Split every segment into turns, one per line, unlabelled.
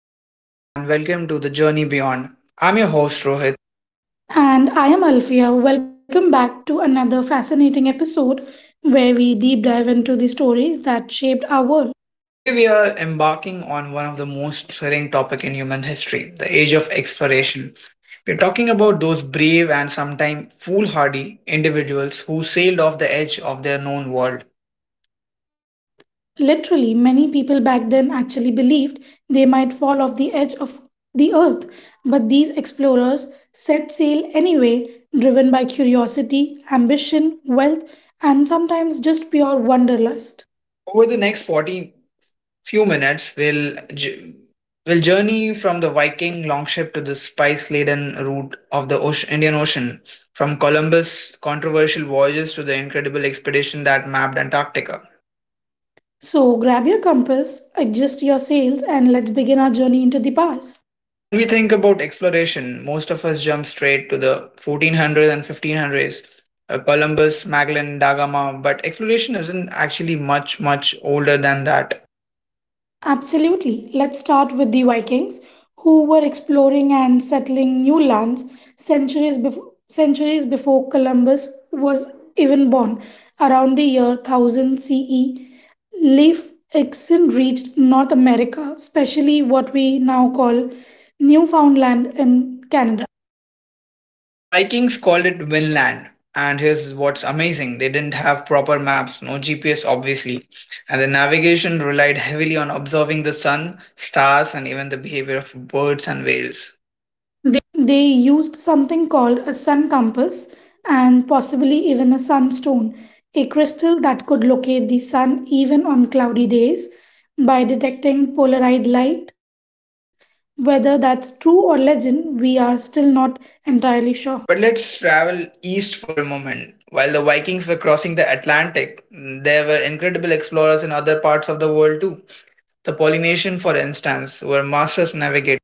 Hello, everyone, and welcome to The Journey Beyond. I'm your host, Rohit.
And I am Alfia. Welcome back to another fascinating episode where we deep dive into the stories that shaped our world.
Today, we are embarking on one of the most thrilling topic in human history the age of exploration. We're talking about those brave and sometimes foolhardy individuals who sailed off the edge of their known world.
Literally, many people back then actually believed they might fall off the edge of the earth, but these explorers set sail anyway, driven by curiosity, ambition, wealth, and sometimes just pure wanderlust.
Over the next 40 few minutes will journey from the Viking longship to the spice-laden route of the Indian Ocean, from Columbus' controversial voyages to the incredible expedition that mapped Antarctica.
So, grab your compass, adjust your sails, and let's begin our journey into the past.
When we think about exploration, most of us jump straight to the 1400s and 1500s, Columbus, Magellan, Da Gama, but exploration isn't actually much older than that.
Absolutely. Let's start with the Vikings, who were exploring and settling new lands centuries before Columbus was even born. Around the year 1000 CE, Leif Erikson reached North America, especially what we now call Newfoundland in Canada.
The Vikings called it Vinland. And here's what's amazing they didn't have proper maps, no GPS, obviously. And the navigation relied heavily on observing the sun, stars, and even the behavior of birds and whales.
They used something called a sun compass and possibly even a sunstone, a crystal that could locate the sun even on cloudy days by detecting polarized light. Whether that's true or legend, we are still not entirely sure.
But let's travel east for a moment. While the Vikings were crossing the Atlantic, there were incredible explorers in other parts of the world too. The Polynesians, for instance, were masters navigators.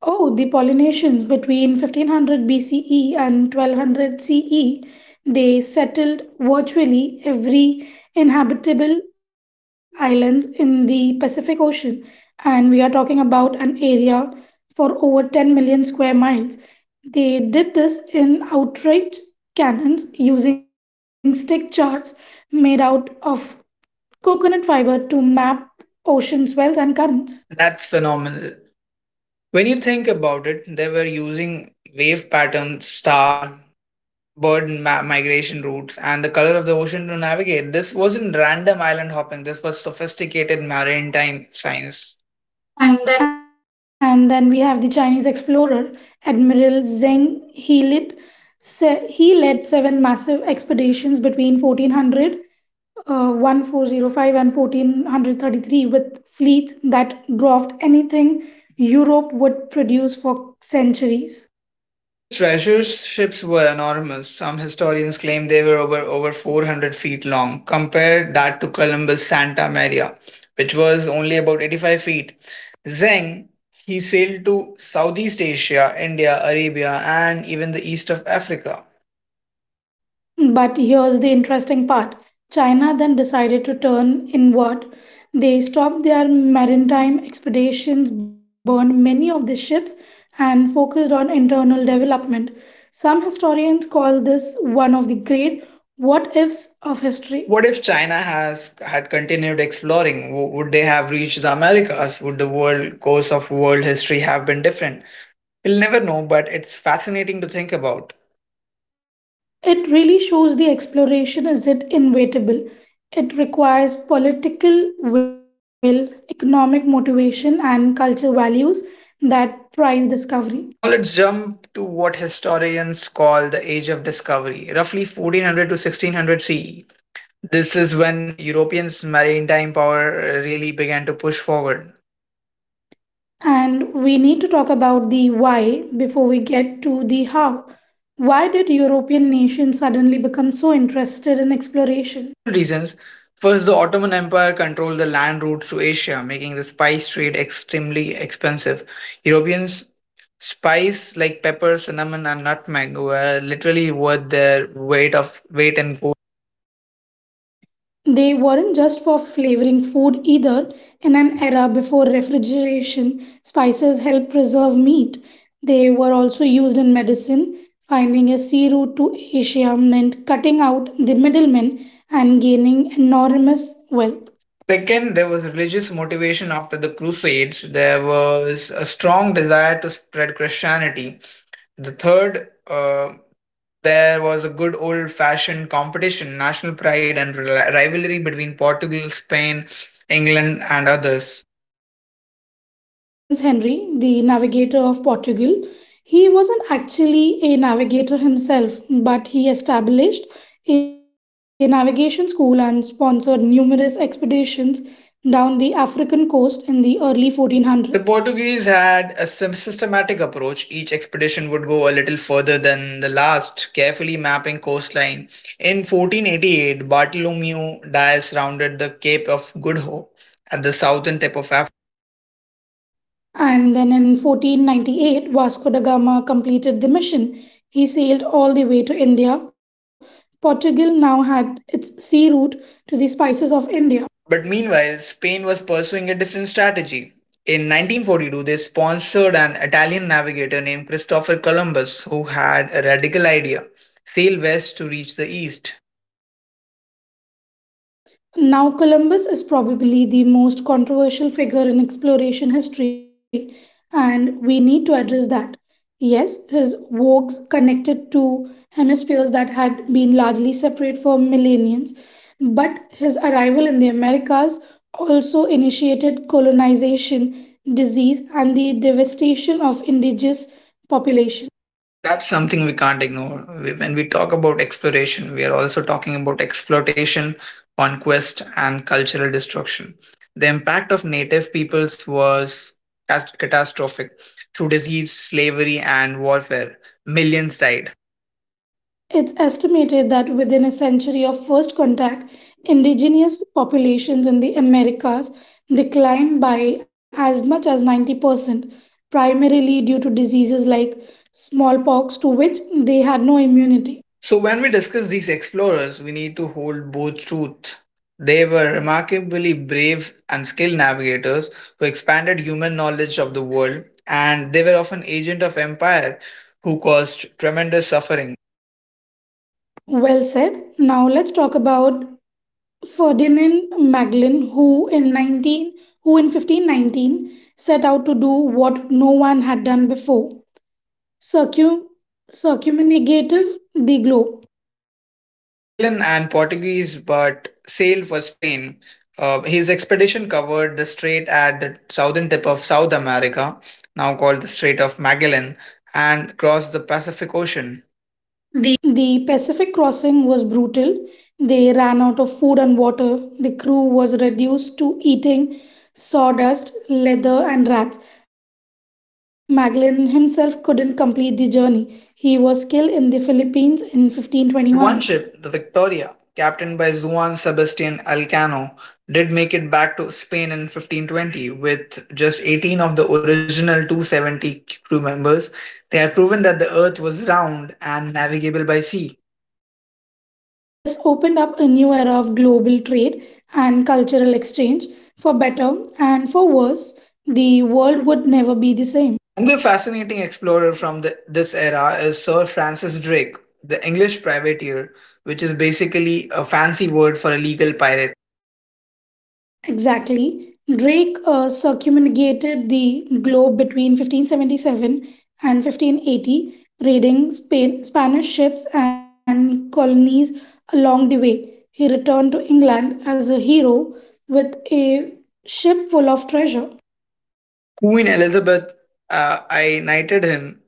Oh, the Polynesians between 1500 BCE and 1200 CE, they settled virtually every inhabitable islands in the Pacific Ocean and we are talking about an area for over 10 million square miles. They did this in outright cannons using stick charts made out of coconut fiber to map ocean swells and currents.
That's phenomenal. When you think about it, they were using wave patterns, star, migration routes and the color of the ocean to navigate. This wasn't random island hopping, this was sophisticated maritime science. And then
And then we have the Chinese explorer Admiral Zheng He led, he led seven massive expeditions between 1400, 1405 and 1433 with fleets that dwarfed anything Europe would produce for centuries.
his treasure ships were enormous. Some historians claim they were over 400 feet long. Compare that to Columbus' Santa Maria, which was only about 85 feet. Zeng, he sailed to Southeast Asia, India, Arabia, and even the east of Africa.
But here's the interesting part, China then decided to turn inward. They stopped their maritime expeditions, burned many of the ships, and focused on internal development. Some historians call this one of the great what ifs of history.
What if China has had continued exploring? Would they have reached the Americas? Would the world course of world history have been different? We'll never know, but it's fascinating to think about.
It really shows the exploration isn't inevitable. It requires political will, economic motivation, and cultural values that prize discovery.
Now let's jump to what historians call the Age of Discovery, roughly 1400 to 1600 CE. This is when Europeans' maritime power really began to push forward.
And we need to talk about the why before we get to the how. Why did European nations suddenly become so interested in exploration?
Several reasons. First, the Ottoman Empire controlled the land routes to Asia, making the spice trade extremely expensive. Europeans spice like pepper, cinnamon, and nutmeg were literally worth their weight in gold.
They weren't just for flavoring food either. In an era before refrigeration, spices helped preserve meat. They were also used in medicine. Finding a sea route to Asia meant cutting out the middlemen and gaining enormous wealth.
Second, there was religious motivation after the Crusades. There was a strong desire to spread Christianity. The third, there was a good old fashioned competition, national pride, and rivalry between Portugal, Spain, England, and others.
Let's talk about Prince Henry, the navigator of Portugal. He wasn't actually a navigator himself, but he established a navigation school and sponsored numerous expeditions down the African coast in the early 1400s.
The Portuguese had a systematic approach. Each expedition would go a little further than the last, carefully mapping coastline. In 1488, Bartholomew Dias rounded the Cape of Good Hope at the southern tip of Africa.
And then in 1498, Vasco da Gama completed the mission. He sailed all the way to India. Portugal now had its sea route to the spices of India.
But meanwhile, Spain was pursuing a different strategy. In 1942, they sponsored an Italian navigator named Christopher Columbus who had a radical idea sail west to reach the east.
Now, Columbus is probably the most controversial figure in exploration history, and we need to address that. Yes, his voyages connected two hemispheres that had been largely separate for millennia, but his arrival in the Americas also initiated colonization, disease, and the devastation of indigenous populations.
That's something we can't ignore. When we talk about exploration, we are also talking about exploitation, conquest, and cultural destruction. The impact of native peoples was catastrophic. Through disease, slavery, and warfare, millions died.
It's estimated that within a century of first contact, indigenous populations in the Americas declined by as much as 90%, primarily due to diseases like smallpox to which they had no immunity.
So, when we discuss these explorers, we need to hold both truth. They were remarkably brave and skilled navigators who expanded human knowledge of the world, and they were often agents of empire who caused tremendous suffering.
Well said. Now let's talk about Ferdinand Magellan, who in 1519 set out to do what no one had done before, circum circumnavigative the globe.
Magellan and Portuguese but sailed for Spain. His expedition covered the strait at the southern tip of South America, now called the Strait of Magellan, and crossed the Pacific Ocean.
The Pacific crossing was brutal. They ran out of food and water. The crew was reduced to eating sawdust, leather, and rats. Magellan himself couldn't complete the journey. He was killed in the Philippines in 1521.
But one ship, the Victoria, captained by Juan Sebastian Elcano, did make it back to Spain in 1520 with just 18 of the original 270 crew members. They had proven that the earth was round and navigable by sea.
This opened up a new era of global trade and cultural exchange. For better and for worse, the world would never be the same.
Another fascinating explorer from this era is Sir Francis Drake, the English privateer, which is basically a fancy word for a legal pirate.
Exactly. Drake circumnavigated the globe between 1577 and 1580, raiding Spain, Spanish ships and colonies along the way. He returned to England as a hero with a ship full of treasure.
Queen Elizabeth I knighted him.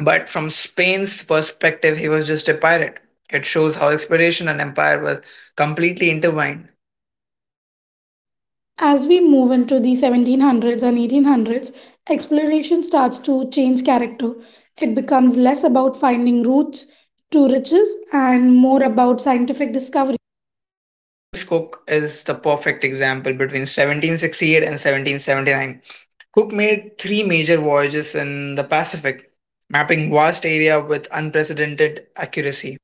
But from Spain's perspective, he was just a pirate. It shows how exploration and empire were completely intertwined.
As we move into the 1700s and 1800s, exploration starts to change character. It becomes less about finding routes to riches and more about scientific discovery.
Captain James Cook is the perfect example between 1768 and 1779. Cook made three major voyages in the Pacific, mapping vast area with unprecedented accuracy.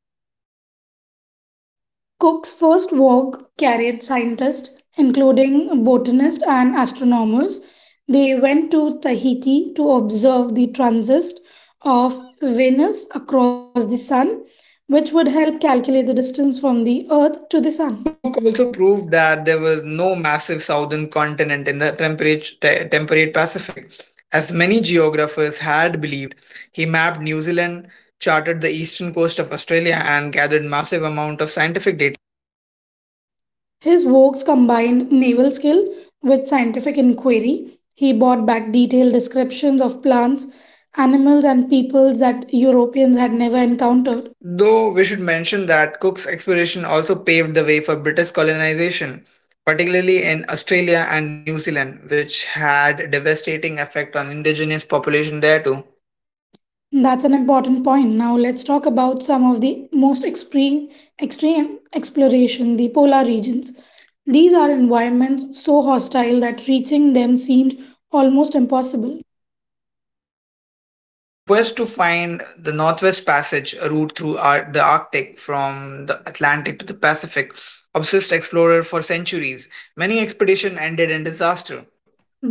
Cook's first work carried scientists, including botanists and astronomers. They went to Tahiti to observe the transit of Venus across the Sun, which would help calculate the distance from the Earth to the Sun.
Cook also proved that there was no massive southern continent in the temperate Pacific, as many geographers had believed. He mapped New Zealand, charted the eastern coast of Australia, and gathered massive amount of scientific data.
His works combined naval skill with scientific inquiry. He brought back detailed descriptions of plants, animals, and peoples that Europeans had never encountered.
Though we should mention that Cook's exploration also paved the way for British colonization, particularly in Australia and New Zealand, which had devastating effect on indigenous population there too.
That's an important point. Now let's talk about some of the most extreme exploration, the polar regions. These are environments so hostile that reaching them seemed almost impossible.
The quest to find the Northwest Passage, a route through the Arctic from the Atlantic to the Pacific, obsessed explorers for centuries. Many expeditions ended in disaster.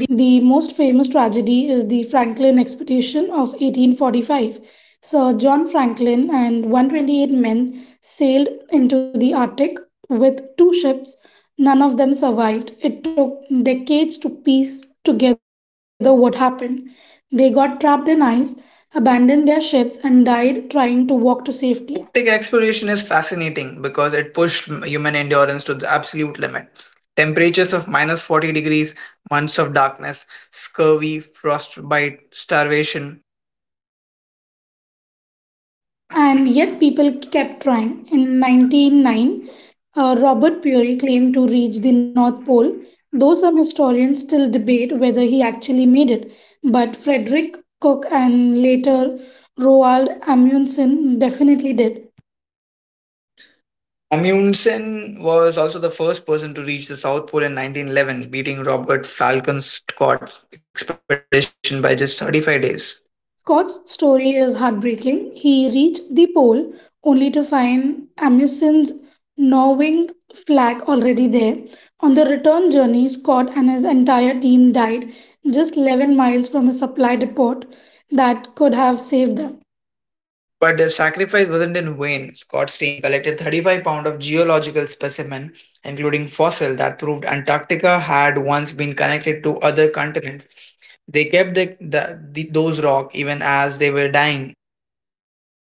The most famous tragedy is the Franklin expedition of 1845. Sir John Franklin and 128 men sailed into the Arctic with two ships. None of them survived. It took decades to piece together what happened. They got trapped in ice, abandoned their ships, and died trying to walk to safety.
Arctic exploration is fascinating because it pushed human endurance to the absolute limit. Temperatures of minus 40 degrees, months of darkness, scurvy, frostbite, starvation.
And yet people kept trying. In 1909, Robert Peary claimed to reach the North Pole, though some historians still debate whether he actually made it. But Frederick Cook and later Roald Amundsen definitely did.
Amundsen was also the first person to reach the South Pole in 1911, beating Robert Falcon Scott's expedition by just 35 days.
Scott's story is heartbreaking. He reached the pole only to find Amundsen's Norwing flag already there. On the return journey, Scott and his entire team died just 11 miles from a supply depot that could have saved them.
But their sacrifice wasn't in vain. Scott's team collected 35 pounds of geological specimen, including fossil that proved Antarctica had once been connected to other continents. They kept those rock even as they were dying.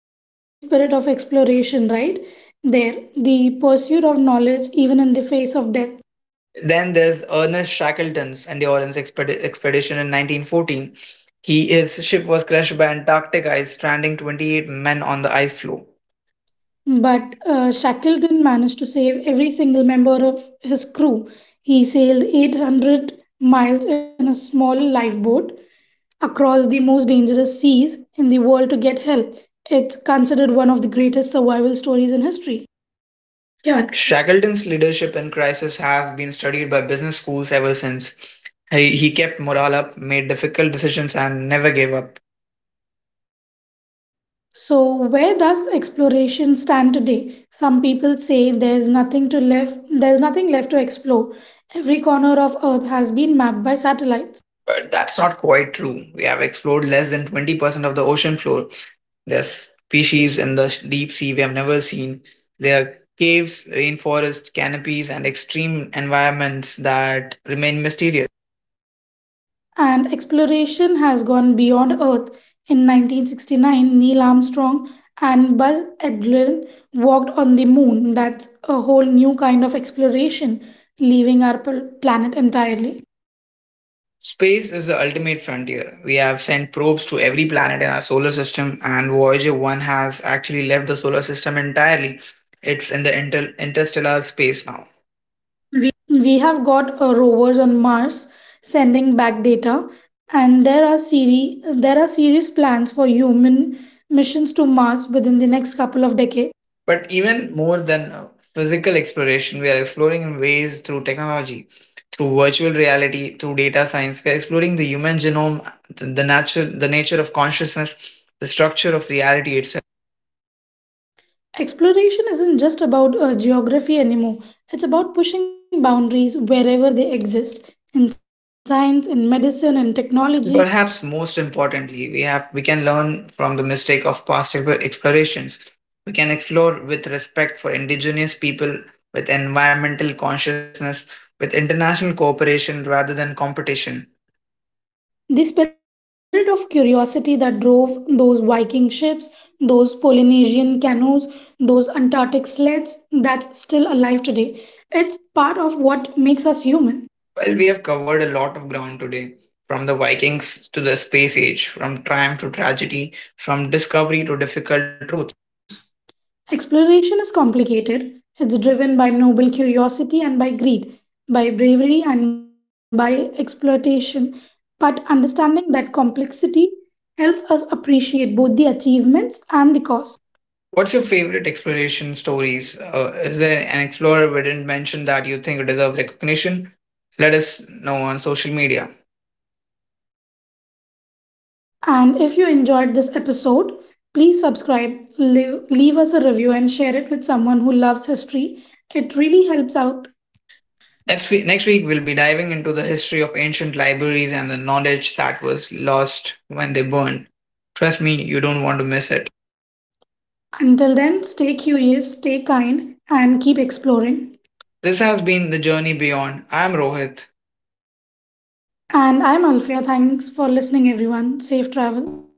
That's the spirit of exploration, right? There, the pursuit of knowledge even in the face of death.
Then there's Ernest Shackleton's Expedition in 1914. His ship was crushed by Antarctic ice, stranding 28 men on the ice floe.
But Shackleton managed to save every single member of his crew. He sailed 800 miles in a small lifeboat across the most dangerous seas in the world to get help. It's considered one of the greatest survival stories in history.
Yeah, Shackleton's leadership in crisis has been studied by business schools ever since. He kept morale up, made difficult decisions, and never gave up.
So, where does exploration stand today? Some people say there's nothing left to explore. Every corner of earth has been mapped by satellite.
But that's not quite true. We have explored less than 20% of the ocean floor. There's species in the deep sea we have never seen. There are caves, rainforest canopies, and extreme environments that remain mysterious.
And exploration has gone beyond Earth. In 1969, Neil Armstrong and Buzz Aldrin walked on the moon. That's a whole new kind of exploration, leaving our planet entirely.
Space is the ultimate frontier. We have sent probes to every planet in our solar system, and Voyager 1 has actually left the solar system entirely. It's in the interstellar space now.
We have got rovers on Mars sending back data, and there are serious plans for human missions to Mars within the next couple of decades.
But even more than physical exploration, we are exploring in ways through technology, through virtual reality, through data science. We are exploring the human genome, the nature of consciousness, the structure of reality itself.
Exploration isn't just about geography anymore. It's about pushing boundaries wherever they exist in science, in medicine, in
And
technology.
perhaps most importantly, we can learn from the mistake of past explorations. We can explore with respect for indigenous people, with environmental consciousness, with international cooperation rather than competition.
The spirit of curiosity that drove those Viking ships, those Polynesian canoes, those Antarctic sleds, that's still alive today. It's part of what makes us human.
Well, we have covered a lot of ground today, from the Vikings to the space age, from triumph to tragedy, from discovery to difficult truth.
Exploration is complicated. It's driven by noble curiosity and by greed, by bravery and by exploitation. But understanding that complexity helps us appreciate both the achievements and the cost.
What's your favorite exploration stories? Is there an explorer we didn't mention that you think deserve recognition? Let us know on social media.
And if you enjoyed this episode, please subscribe, leave us a review, and share it with someone who loves history. It really helps out.
Next week, we'll be diving into the history of ancient libraries and the knowledge that was lost when they burned. Trust me, you don't want to miss it.
Until then, stay curious, stay kind, and keep exploring.
This has been The Journey Beyond. I'm Rohit.
And I'm Alfia. Thanks for listening, everyone. Safe travels.